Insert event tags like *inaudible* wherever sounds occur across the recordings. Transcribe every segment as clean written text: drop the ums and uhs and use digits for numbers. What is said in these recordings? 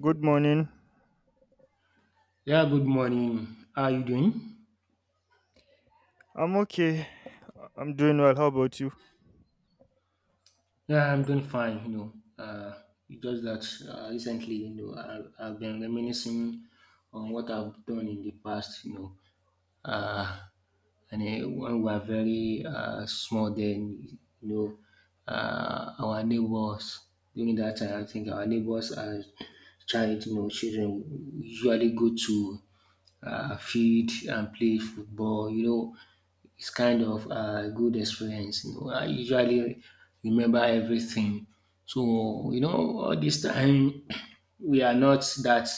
Good morning. Yeah, Good morning. How are you doing? I'm okay. I'm doing well. How about you? Yeah, I'm doing fine. Uh, it's just that recently, I've been reminiscing on what I've done in the past. You know, uh, and When we were very small, then know, our neighbors during that time, I think our neighbors as child, children usually go to field and play football. You know, it's kind of a good experience. You know, I usually remember everything. So, you know, all this time *clears throat* we are not that,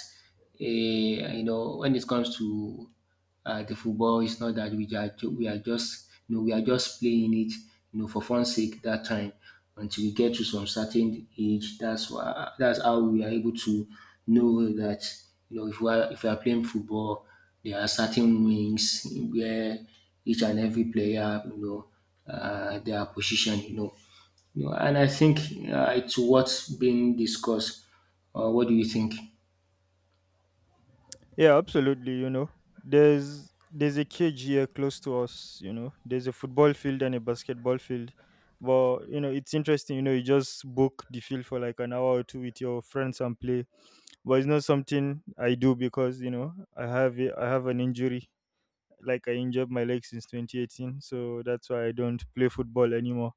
uh, when it comes to the football, it's not that we are, we are just, you know, we are just playing it, you know, for fun's sake that time until we get to some certain age. That's why, that's how we are able to know that, you know, if we are playing football, there are certain wings where each and every player, their position, you know. You know, and I think it's what's being discussed. What do you think? Yeah, absolutely, you know. There's a cage here close to us, you know. There's a football field and a basketball field. But you know, it's interesting, you know, you just book the field for like an hour or two with your friends and play. But it's not something I do because, you know, I have an injury like I injured my leg since 2018, so that's why I don't play football anymore.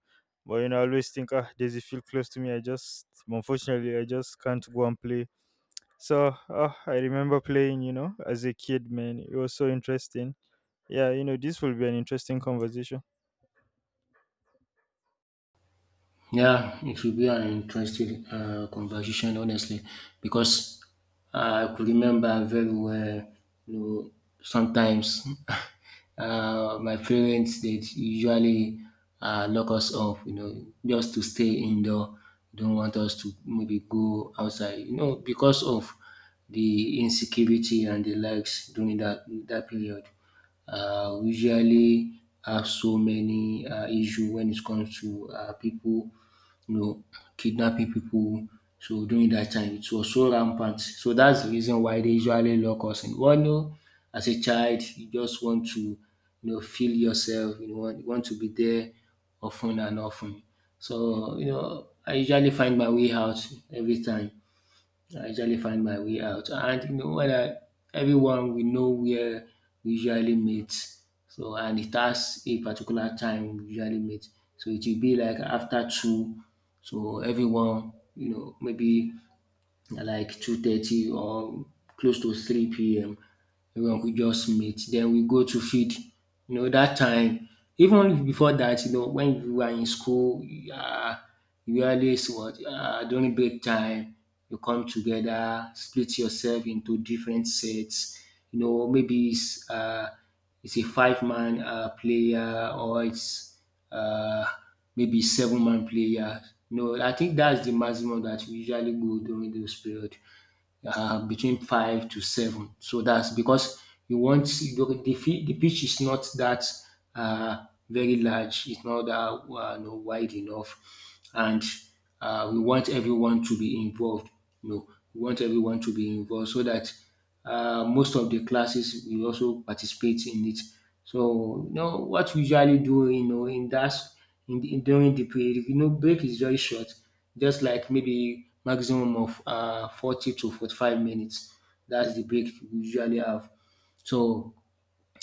But you know, I always think, ah, there's a field close to me. Unfortunately, I just can't go and play. So ah, I remember playing, you know, as a kid, man. It was so interesting. Yeah, you know, this will be an interesting conversation. Yeah, it will be an interesting conversation, honestly, because I could remember very well. You know, sometimes *laughs* my parents they usually lock us off. You know, just to stay indoor. Don't want us to maybe go outside. You know, because of the insecurity and the likes during that period. We usually have so many issues when it comes to people, you know, kidnapping people. So during that time, it was so rampant. So that's the reason why they usually lock us in. One, you know, as a child, you just want to, you know, feel yourself. You want to be there often and often. So you know, I usually find my way out every time. I usually find my way out and you know when I everyone we know where we usually meet, so and it has a particular time we usually meet. So it will be like after two, so everyone you know maybe like 2:30 or close to 3 p.m., everyone go just meet then we go to feed. You know that time, even before that, you know when we were in school, um we always what during break time you come together split yourself into different sets, you know maybe it's a five man player or it's um maybe seven-man player. No, I think dats de maximum that we usually go during those period, between five to seven. So that's because you want the the pitch is not that very large. It's not that you know, wide enough, and we want everyone to be involved. You know, we want everyone to be involved so that most of the classes will also participate in it. So you know what we usually do, you know, in that in during the break, you know, break is very short, just like maybe maximum of 40 to 45 minutes. That's the break we usually have. So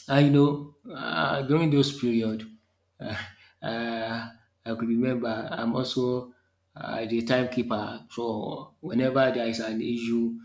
I know during those period, *laughs* uh, uh, I could remember I'm also the timekeeper. So whenever there is an issue,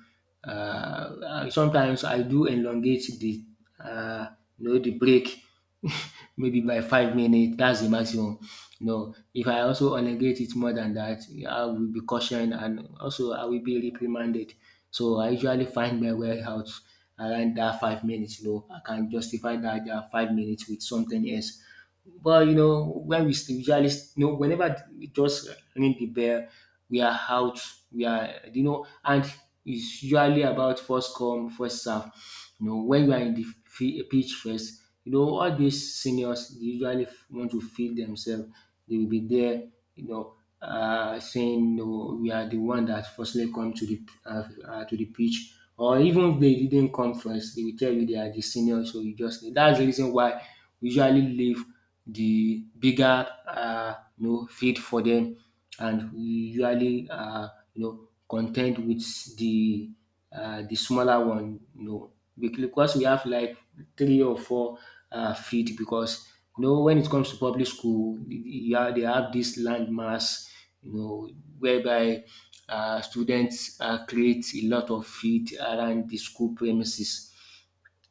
sometimes I do elongate the uh, you know the break *laughs* maybe by 5 minutes, that's the maximum. No, if I also elongate it more than that, I will be cautioned and also I will be reprimanded. So I usually find my way out around that 5 minutes. No, I can justify that, that 5 minutes with something else. But you know, when we usually, you know, whenever we just ring the bell, we are out. We are, you know, and it's usually about first come, first serve. You know, when you are in the pitch first, you know, all these seniors they usually want to feel themselves. They will be there you know, saying no, we are the one that firstly come to the pitch, or even if they didn't come first, they will tell you they are the senior, so you just need. That's the reason why we usually leave the bigger you know field for them, and we usually you know content with the the smaller one, no. Because we have like three or four feet. Because you know, when it comes to public school, yeah, they have this land mass, you know, whereby students create a lot of feet around the school premises.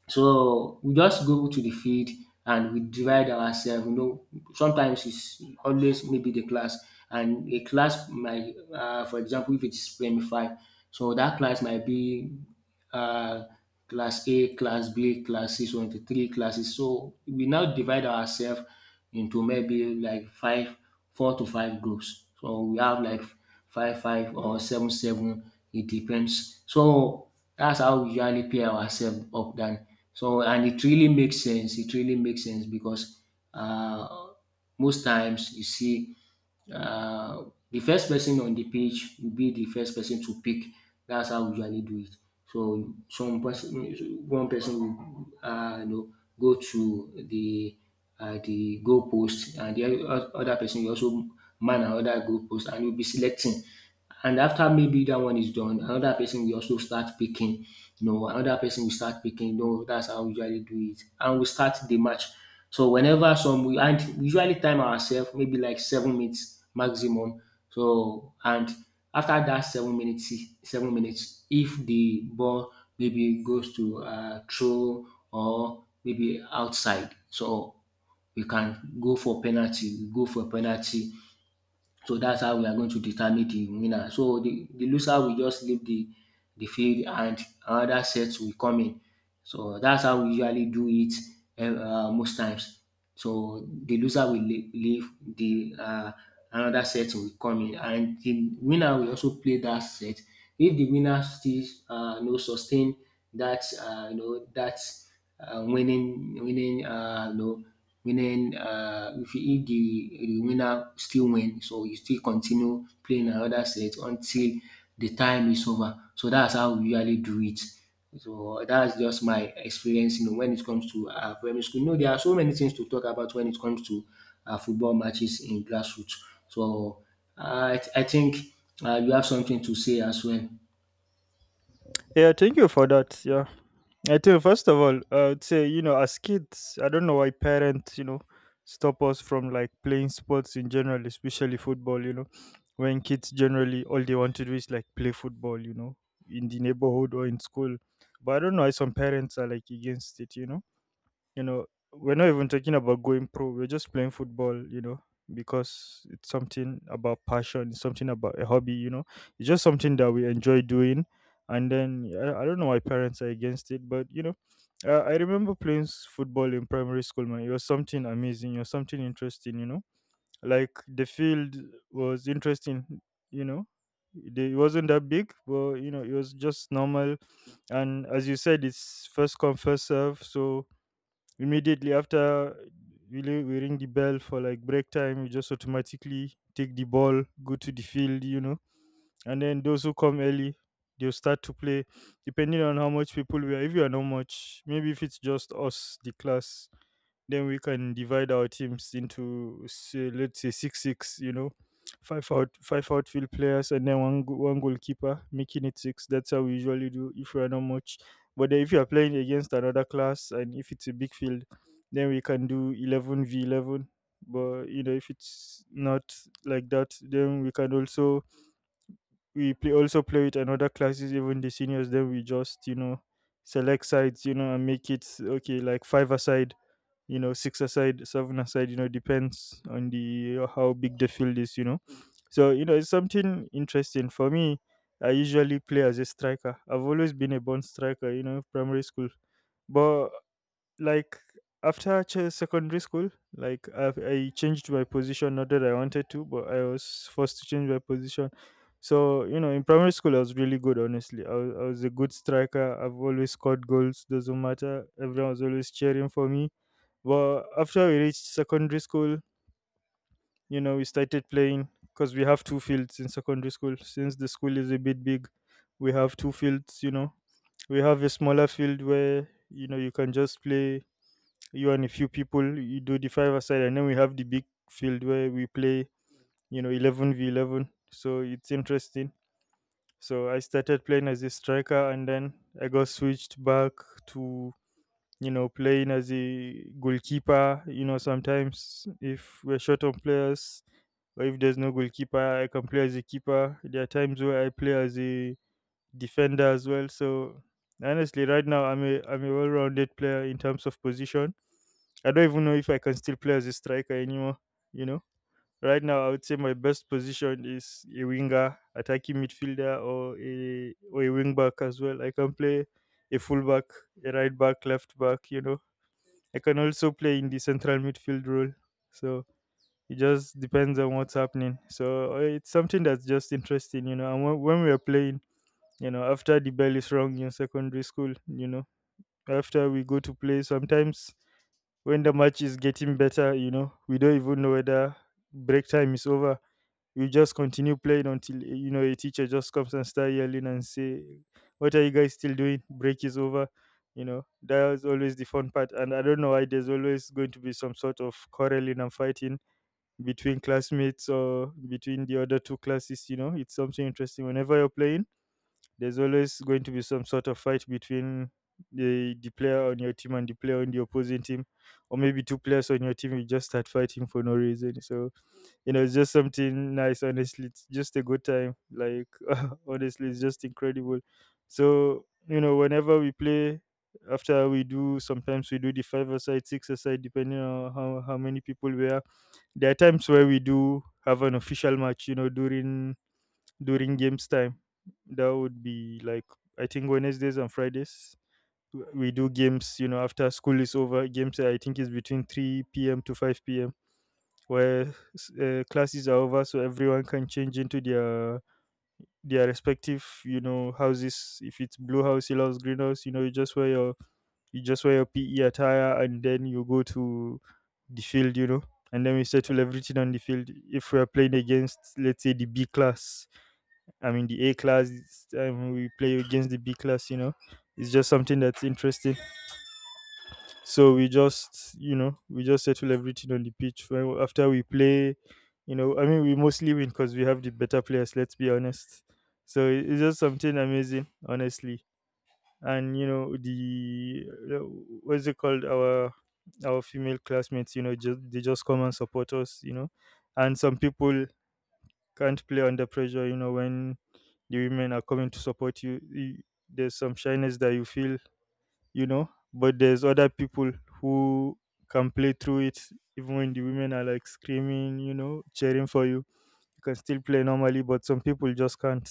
So we just go to the field and we divide ourselves. You know, sometimes it's always maybe the class, and a class might, for example, if it's premi five, so that class might be uh, class A, class B, class C, so into three classes. So we now divide ourselves into maybe like five, four to five groups. So we have like five five or seven seven. It depends. So that's how we usually pair ourselves up. Then so, and it really makes sense. It really makes sense because uh, most times you see uh, the first person on the page will be the first person to pick. That's how we usually do it. So some person, one person will, you know, go to the goal post and the other person will also man another goal post and you'll be selecting. And after maybe that one is done, another person will also start picking. You know, another person will start picking. You know, that's how we usually do it. And we start the match. So whenever some we and we usually time ourselves maybe like 7 minutes maximum. So and after that 7 minutes, 7 minutes, if the ball maybe goes to throw or maybe outside. So we can go for penalty, we go for penalty. So that's how we are going to determine the winner. So the loser will just leave the field and another set will come in. So that's how we usually do it most times. So the loser will leave, the another set will come in, and the winner will also play that set. If the winner still no sustain that you know that winning you know meaning if, you, if the winner still win, so you still continue playing another set until the time is over. So that's how we usually do it. So that's just my experience, you know, when it comes to primary school. You know, there are so many things to talk about when it comes to football matches in grassroots. So uh, I think you have something to say as well. Yeah, thank you for that. Yeah. I think first of all, I would say you know as kids, I don't know why parents you know stop us from like playing sports in general, especially football. You know, when kids generally all they want to do is like play football. You know, in the neighborhood or in school, but I don't know why some parents are like against it. You know, we're not even talking about going pro. We're just playing football, you know, because it's something about passion, it's something about a hobby, you know. It's just something that we enjoy doing. And then I don't know why parents are against it, but you know, I remember playing football in primary school, man. It was something amazing. It was something interesting, you know. Like the field was interesting, you know. It wasn't that big, but you know, it was just normal. And as you said, it's first come first serve, so immediately after we ring the bell for like break time, we just automatically take the ball, go to the field, you know. And then those who come early, they'll start to play depending on how much people we are. If you are not much, maybe if it's just us, the class, then we can divide our teams into say, let's say six six. You know, five outfield players and then one goalkeeper, making it six. That's how we usually do if we are not much. But then if you are playing against another class and if it's a big field, then we can do 11 v 11. But you know, if it's not like that, then we can also we play also play with another classes, even the seniors. Then we just you know select sides, you know, and make it okay like five aside, you know, six aside, seven aside. You know, depends on the how big the field is. You know, so you know it's something interesting for me. I usually play as a striker. I've always been a born striker, you know, primary school. But like after secondary school like I changed my position, not that I wanted to, but I was forced to change my position. So you know, in primary school I was really good, honestly. I was a good striker. I've always scored goals, doesn't matter, everyone was always cheering for me. But after we reached secondary school, you know, we started playing because we have two fields in secondary school. Since the school is a bit big, we have two fields, you know. We have a smaller field where you know you can just play you and a few people, you do the five aside, and then we have the big field where we play, you know, 11v11. So it's interesting. So I started playing as a striker, and then I got switched back to, you know, playing as a goalkeeper. You know, sometimes if we're short on players or if there's no goalkeeper, I can play as a keeper. There are times where I play as a defender as well. So honestly, right now I'm a well-rounded player in terms of position. I don't even know if I can still play as a striker anymore. You know, right now I would say my best position is a winger, attacking midfielder, or a wing back as well. I can play a full back, a right back, left back. You know, I can also play in the central midfield role. So it just depends on what's happening. So it's something that's just interesting. You know, and when we are playing, you know, after the bell is rung in secondary school, you know, after we go to play, sometimes when the match is getting better, you know, we don't even know whether break time is over. We just continue playing until you know a teacher just comes and start yelling and say, "What are you guys still doing? Break is over." You know, that was always the fun part, and I don't know why there's always going to be some sort of quarreling and fighting between classmates or between the other two classes. You know, it's something interesting whenever you're playing there's always going to be some sort of fight between the player on your team and the player on the opposing team, or maybe two players on your team will just start fighting for no reason. So, you know, it's just something nice, honestly. It's just a good time. Like, *laughs* honestly, it's just incredible. So, you know, whenever we play, after we do, sometimes we do the five aside, six aside, depending on how many people we are. There are times where we do have an official match, you know, during games time. That would be like I think Wednesdays and Fridays. We do games, you know, after school is over. Games I think is between three p.m. to five p.m. where classes are over, so everyone can change into their respective, you know, houses. If it's blue house, yellow house, green house, you know, you just wear your PE attire and then you go to the field, you know, and then we settle everything on the field. If we are playing against, let's say, the B class, I'm in the A class, we play against the B class, you know. It's just something that's interesting. So we just, you know, we just settle everything on the pitch. After we play, you know, I mean, we mostly win because we have the better players, let's be honest. So it's just something amazing, honestly. And, you know, uh, what's it called? Our female classmates, you know, they just come and support us, you know. And some people can't play under pressure, you know, when the women are coming to support you, there's some shyness that you feel, you know, but there's other people who can play through it even when the women are like screaming, you know, cheering for you, you can still play normally, but some people just can't,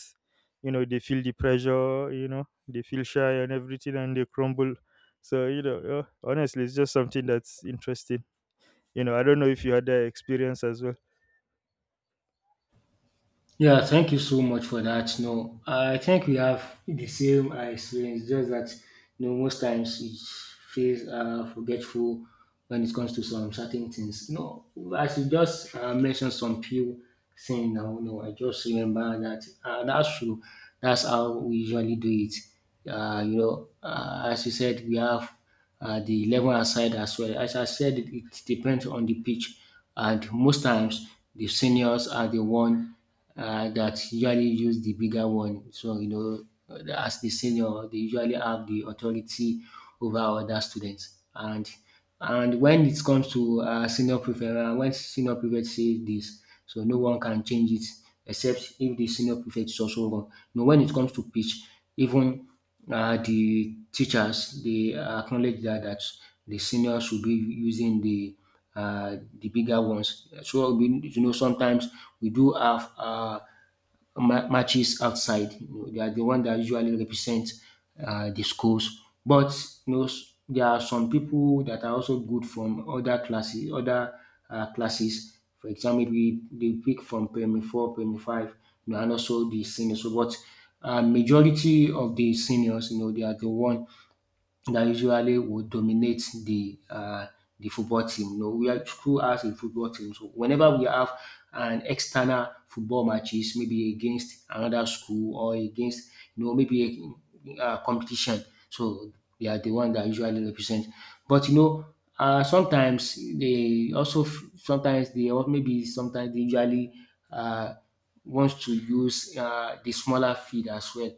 you know, they feel the pressure, you know, they feel shy and everything and they crumble. So you know, honestly it's just something that's interesting. You know, I don't know if you had that experience as well. Yeah, thank you so much for that. No, I think we have the same experience, just that you know, most times we feel forgetful when it comes to some certain things. No, as you just mentioned some few things now, no, I just remember that that's true. That's how we usually do it. As you said, we have the 11 aside as well. As I said, it depends on the pitch, and most times the seniors are the one that usually use the bigger one. So, you know, as the senior, they usually have the authority over other students. And when it comes to senior prefect, when senior prefect says this, so no one can change it except if the senior prefect is also wrong. You when it comes to pitch, even the teachers they acknowledge that the senior should be using the bigger ones. So we, you know, sometimes we do have matches outside. You know, they are the one that usually represent the schools. But you know, there are some people that are also good from other classes. Other classes, for example, we they pick from primary four, primary five, you know, and also the seniors. So, but majority of the seniors, you know, they are the one that usually would dominate the football team. You know, we are school has a football team. So whenever we have an external football matches, maybe against another school or against you know maybe a competition, so they are the one that usually represent. But you know, sometimes they also sometimes they or maybe sometimes they usually uh, wants to use the smaller field as well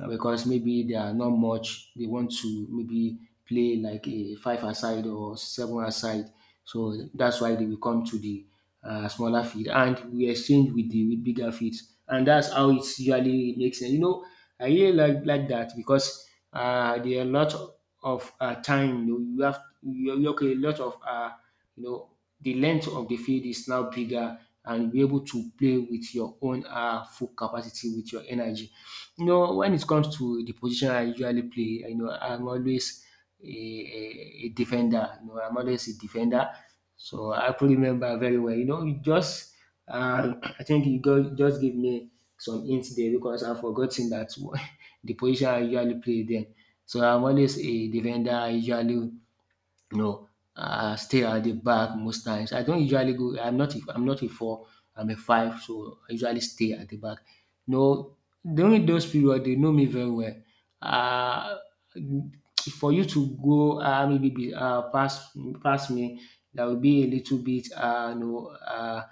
because maybe they are not much. They want to maybe play like a five aside or seven aside. So that's why they will come to the smaller field and we exchange with the with bigger fields. And that's how it usually makes sense. You know, I really like that because there are a lot of time. You, know, you have you okay, a lot of you know the length of the field is now bigger, and you are able to play with your own full capacity with your energy. You know, when it comes to the position I usually play, you know, I'm always a defender. You know, I'm always a defender. So I could remember very well. You know, you just uh, *clears throat* I think you go, just give me some hints there because I've forgotten that *laughs* the position I usually play then. So I'm always a defender. I usually you know, I stay at the back most times. I don't usually go. I'm not. I'm not a four. I'm a five, so I usually stay at the back. No, know, during those period, they know me very well. Uh, for you to go maybe past me, there will be a little bit uh, you know uh,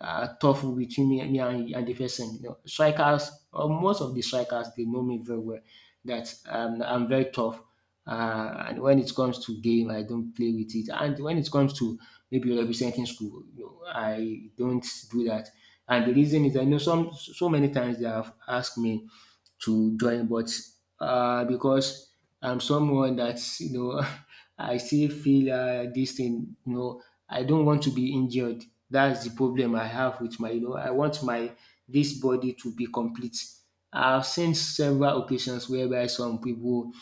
uh, tough between me and the person. You know, strikers, or most of the strikers, they know me very well. That I'm very tough. And when it comes to game, I don't play with it. And when it comes to maybe representing school, you know, I don't do that. And the reason is I know some so many times they have asked me to join. But because I'm someone that's, *laughs* I still feel this thing. You know, I don't want to be injured. That's the problem I have with my. You know, I want my this body to be complete. I've seen several occasions whereby some people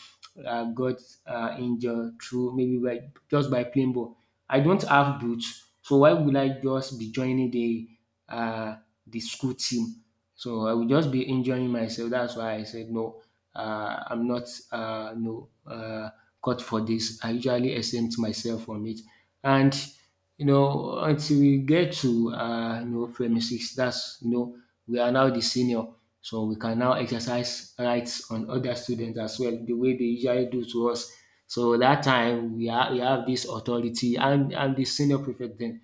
got injured through maybe by just by playing ball. I don't have boots, so why would I just be joining the uh, the school team? So I will just be injuring myself. That's why I said no. I'm not no cut for this. I usually exempt myself from it, and you know until we get to you know premises, that's you know we are now the senior, so we can now exercise rights on other students as well the way they usually do to us. So that time we have this authority. I'm the senior prefect then.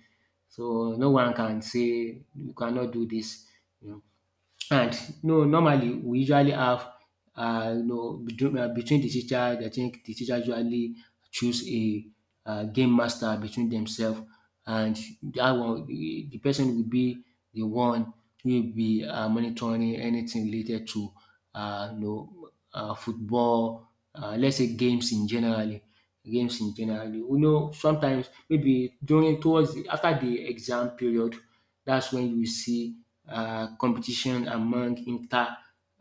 So no one can say you cannot do this. You know. And no, normally we usually have you know between between the teacher, I think the teacher usually choose a game master between themselves, and that one the person will be the one who will be monitoring anything related to you know football, let's say games in generally. Games in generally, you know, sometimes maybe during towards the, after the exam period, that's when you see competition among inter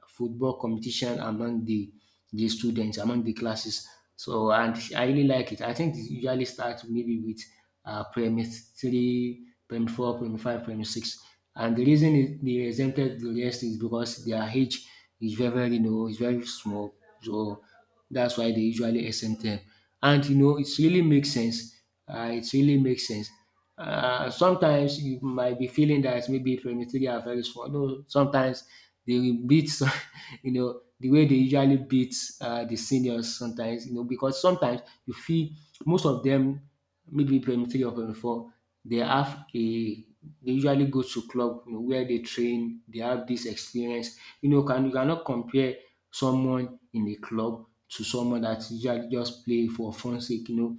football competition among the students among the classes. So and I really like it. I think it usually starts maybe with primary three, primary four, primary five, primary six. And the reason they exempted the rest is because their age is very, very low. It's very small. So that's why they usually exempt them. And you know, it really makes sense. It really makes sense, sometimes you might be feeling that maybe 23 are very small. No, sometimes they will beat. *laughs* You know, the way they usually beat the seniors sometimes, you know, because sometimes you feel most of them, maybe 23 or 24, they have a, they usually go to club, you know, where they train, they have this experience. You know, can you cannot compare someone in a club to someone that usually just play for fun's sake, you know,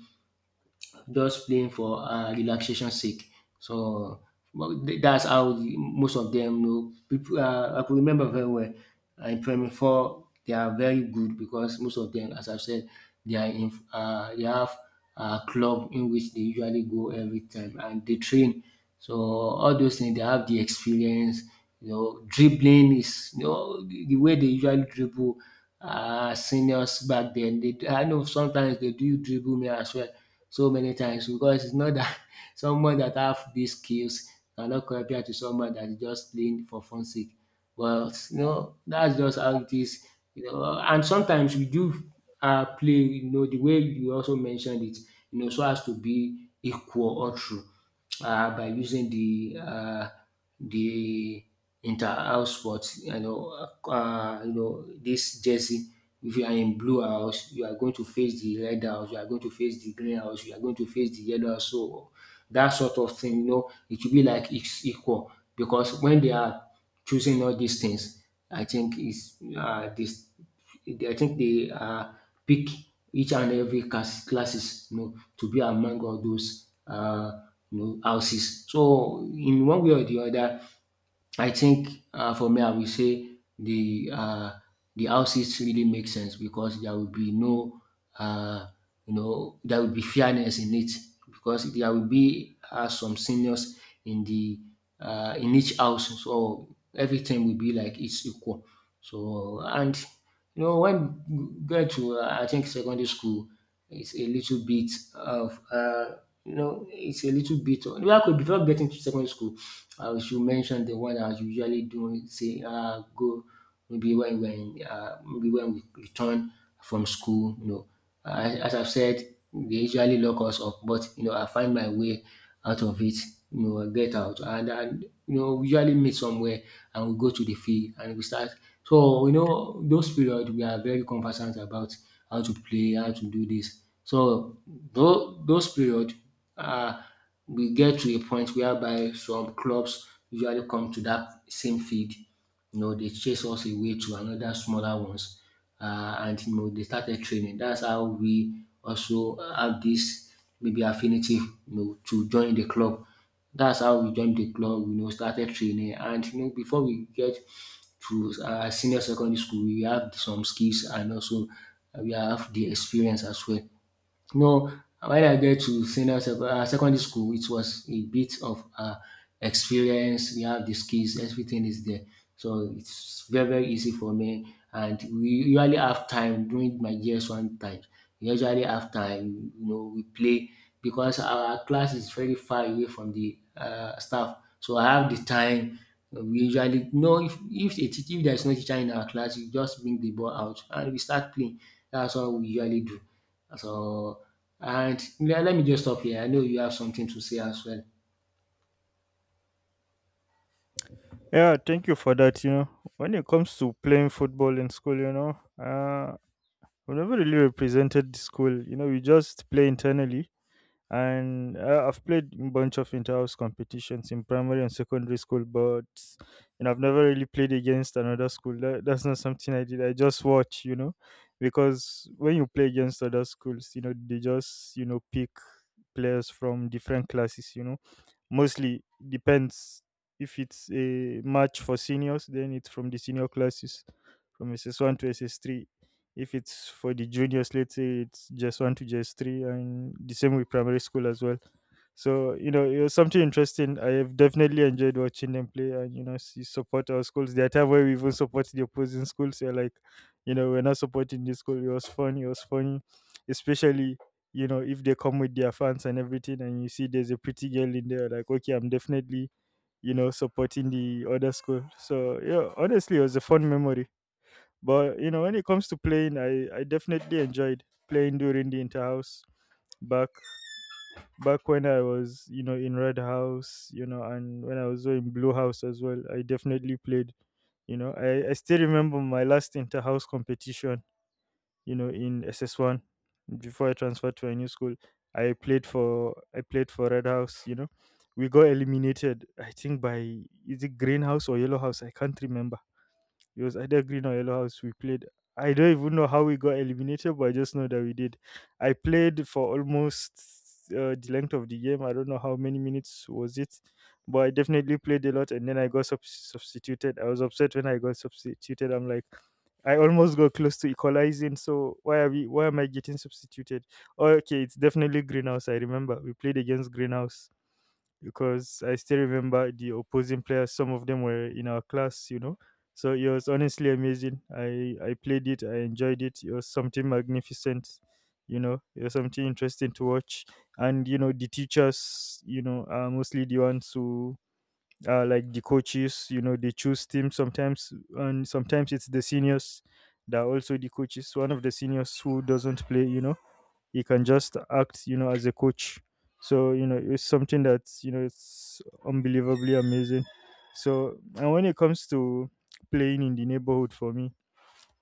just playing for relaxation sake. So well, that's how most of them know pipu, I could remember very well, in Premier four they are very good because most of them, as I said, they are in they have a club in which they usually go every time and they train. So all those things, they have the experience, you know, dribbling is, you know, the way they usually dribble seniors back then. They, I know, sometimes they do dribble me as well, so many times, because it's not that *laughs* someone that have these skills cannot compare to someone that is just playing for fun sake. But you know, that's just how it is. You know, and sometimes we do play, you know, the way you also mentioned it, you know, so as to be equal or true, by using the the inter-house sport, you know this jersey. If you are in Blue House, you are going to face the Red House. You are going to face the Green House. You are going to face the Yellow House. So that sort of thing, you know, it will be like it's equal because when they are choosing all these things, I think is this I think they pick each and every classes, you know, to be among all those, you know, houses. So in one way or the other, I think, for me, I will say the the houses really make sense because there will be no, uh, you know, there will be fairness in it, because there will be some seniors in the in each house, so everything will be like it's equal. So and you know when you get to I think secondary school, it's a little bit of you know it's a little bit. Of, well, before getting to secondary school, I should mention the one I was usually doing. Say go maybe when maybe when we return from school, you know. As I've said, they usually lock us up, but you know, I find my way out of it. You know, I get out and you know, we usually meet somewhere and we go to the field and we start. So you know, those period we are very conversant about how to play, how to do this. So those period, uh, we get to a point whereby some clubs usually come to that same field, you know, they chase us away to another smaller ones. And you know, they started training. That's how we also have this maybe affinity, you know, to join the club. That's how we joined the club, you know, started training. And you know, before we get to senior secondary school, we have some skills and also we have the experience as well. No, when I get to senior secondary school, it was a bit of experience. We have the skills, everything is there. So it's very, very easy for me. And we usually have time during my years one time. We usually have time, you know, we play because our class is very far away from the staff. So I have the time. We usually know if there's no teacher in our class, you just bring the ball out and we start playing. That's what we usually do. So, and le let me just stop here. I know you have something to say as well. Yeah, thank you for that. You know, when it comes to playing football in school, you know, uh, we never really represented the school. You know, we just play internally. And I've played a bunch of inter-house competitions in primary and secondary school, but you know, I've never really played against another school. That's not something I did. I just watch, you know, because when you play against other schools, you know, they just you know pick players from different classes, you know. Mostly depends if it's a match for seniors, then it's from the senior classes from SS1 to SS3. If it's for the juniors, let's say it's JS1 to JS3, and the same with primary school as well. So, you know, it was something interesting. I have definitely enjoyed watching them play and, you know, see, support our schools. There are times where we even support the opposing schools. They're like, you know, we're not supporting this school. It was fun. It was funny, especially you know, if they come with their fans and everything, and you see there's a pretty girl in there, like, okay, I'm definitely, you know, supporting the other school. So, yeah, honestly, it was a fun memory. But, you know, when it comes to playing, I definitely enjoyed playing during the interhouse back back when I was, you know, in Red House, you know, and when I was in Blue House as well, I definitely played. I still remember my last inter house competition, in SS1 before I transferred to a new school. I played for Red House. We got eliminated, I think, by... is it Green House or Yellow House? I can't remember. It was either Green or Yellow House we played. I don't even know how we got eliminated, but I just know that we did. I played for almost the length of the game. I don't know how many minutes was it, but I definitely played a lot. And then I got substituted. I was upset when I got substituted. I'm like, I almost got close to equalizing. So why are we? Why am I getting substituted? Oh, okay, it's definitely Greenhouse. I remember we played against Greenhouse because I still remember the opposing players. Some of them were in our class. So it was honestly amazing. I played it. I enjoyed it. It was something magnificent. It was something interesting to watch. And the teachers, are mostly the ones who are like the coaches. They choose teams sometimes, and sometimes it's the seniors that are also the coaches. One of the seniors who doesn't play, he can just act, as a coach. So, it's something that's, it's unbelievably amazing. So, and when it comes to playing in the neighborhood, for me,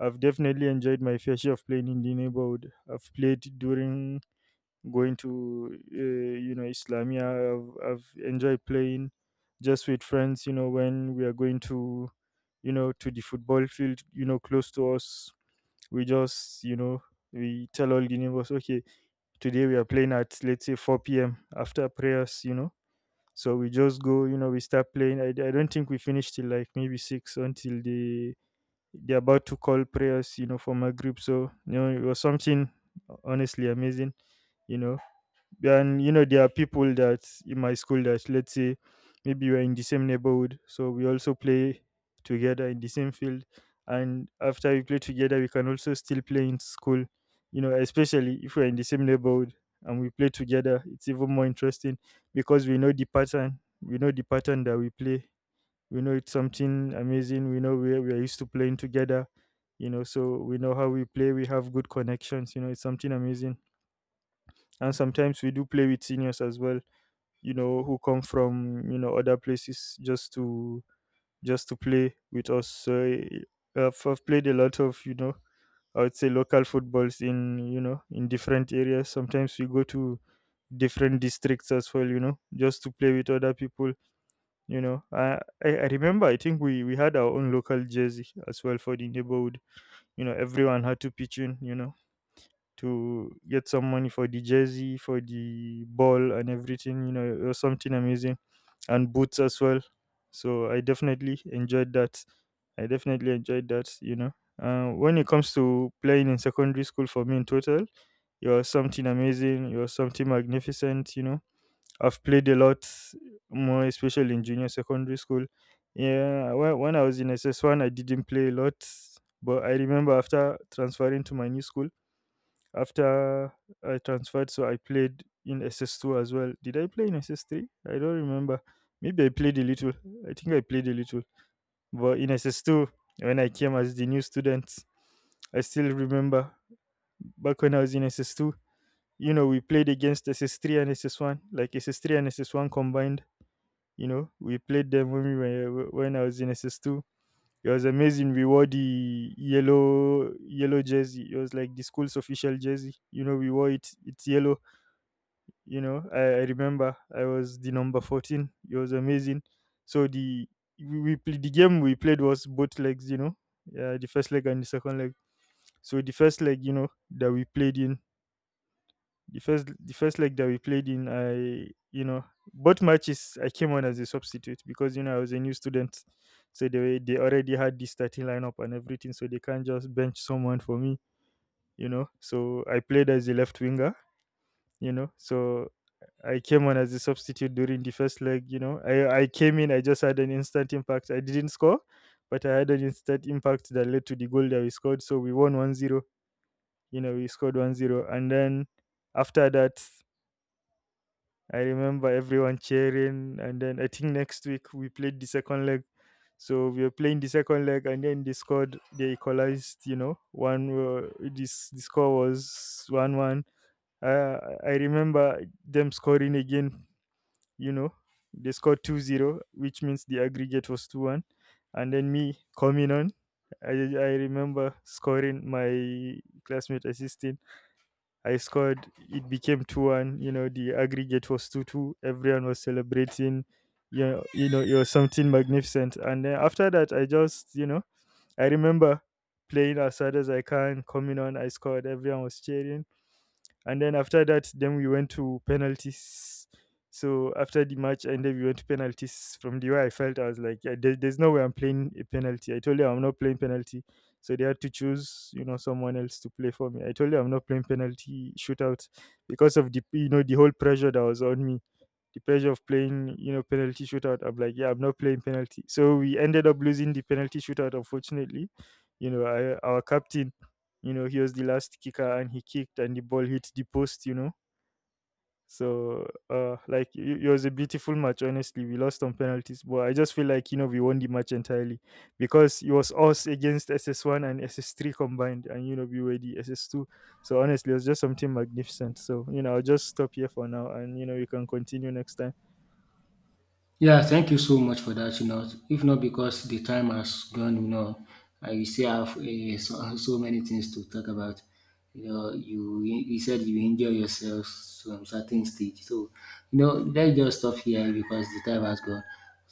I've definitely enjoyed my fair share of playing in the neighborhood. I've played during going to Islamia. I've enjoyed playing just with friends, when we are going to the football field, close to us. We just, we tell all the neighbors, okay, today we are playing at, let's say, 4 p.m. after prayers. So we just go, we start playing. I don't think we finish till like maybe six until they're about to call prayers, for my group. So, it was something honestly amazing you know and, there are people that in my school that, let's say, maybe we're in the same neighborhood, so we also play together in the same field. And after we play together, we can also still play in school, especially if we're in the same neighborhood and we play together. It's even more interesting because we know the pattern. We know the pattern that we play. We know it's something amazing. We know where we are used to playing together. So we know how we play. We have good connections. It's something amazing. And sometimes we do play with seniors as well, who come from, other places, just to play with us. So, I've played a lot of, I would say, local footballs, in you know in different areas. Sometimes we go to different districts as well, just to play with other people you know i I remember, I think we had our own local jersey as well for the neighborhood. Everyone had to pitch in, to get some money for the jersey, for the ball, and everything. You know, it was something amazing, and boots as well. So I definitely enjoyed that. I definitely enjoyed that. When it comes to playing in secondary school, for me in total, it was something amazing. It was something magnificent. I've played a lot more, especially in junior secondary school. Yeah, when I was in SS1, I didn't play a lot, but I remember after transferring to my new school. After I transferred, so I played in SS2 as well. Did I play in SS3? I don't remember. Maybe I played a little. I think I played a little. But in SS2, when I came as the new student, I still remember back when I was in SS2, we played against SS3 and SS1, like SS3 and SS1 combined. You know, we played them when we were when I was in SS2. It was amazing. We wore the yellow jersey. It was like the school's official jersey. You know, we wore it. It's yellow. I remember I was the number 14. It was amazing. So we played the game we played was both legs, yeah, the first leg and the second leg. So the first leg, that we played in, the first leg that we played in I you know both matches I came on as a substitute because, I was a new student. So they already had the starting lineup and everything, so they can't just bench someone for me. So I played as a left winger. So I came on as a substitute during the first leg. You know, I came in. I just had an instant impact. I didn't score, but I had an instant impact that led to the goal that we scored. So we won 1-0. You know, we scored 1-0. And then after that, I remember everyone cheering. And then I think next week we played the second leg. So we were playing the second leg, and then they scored. They equalized. You know, one this the score was 1-1. Uh, I remember them scoring again you know they scored 2-0, which means the aggregate was 2-1. And then me coming on, I remember scoring, my classmate assisting. I scored. It became 2-1. The aggregate was 2-2. Everyone was celebrating. It was something magnificent. And then after that, I just, I remember playing as hard as I can, coming on. I scored. Everyone was cheering. And then after that, then we went to penalties. So after the match ended, we went to penalties. From the way I felt, I was like, yeah, there's no way I'm playing a penalty. I told you I'm not playing penalty. So they had to choose, someone else to play for me. I told you I'm not playing penalty shootout because of the you know the whole pressure that was on me. The pressure of playing, penalty shootout. I'm like, yeah, I'm not playing penalty. So we ended up losing the penalty shootout, unfortunately. You know, our captain, he was the last kicker, and he kicked and the ball hit the post. So, like it was a beautiful match. Honestly, we lost on penalties, but I just feel like, we won the match entirely because it was us against SS1 and SS3 combined, and, we were the SS2. So honestly, it was just something magnificent. So, I'll just stop here for now, and, we can continue next time. Yeah, thank you so much for that. You know, if not because the time has gone, you know, I still have so many things to talk about. You know, you said you enjoy yourself to a certain stage. So, you know, let's just stop here because the time has gone.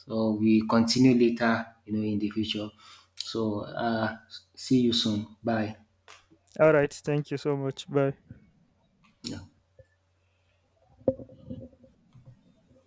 So we continue later, you know, in the future. So, see you soon. Bye. All right, thank you so much. Bye. Yeah.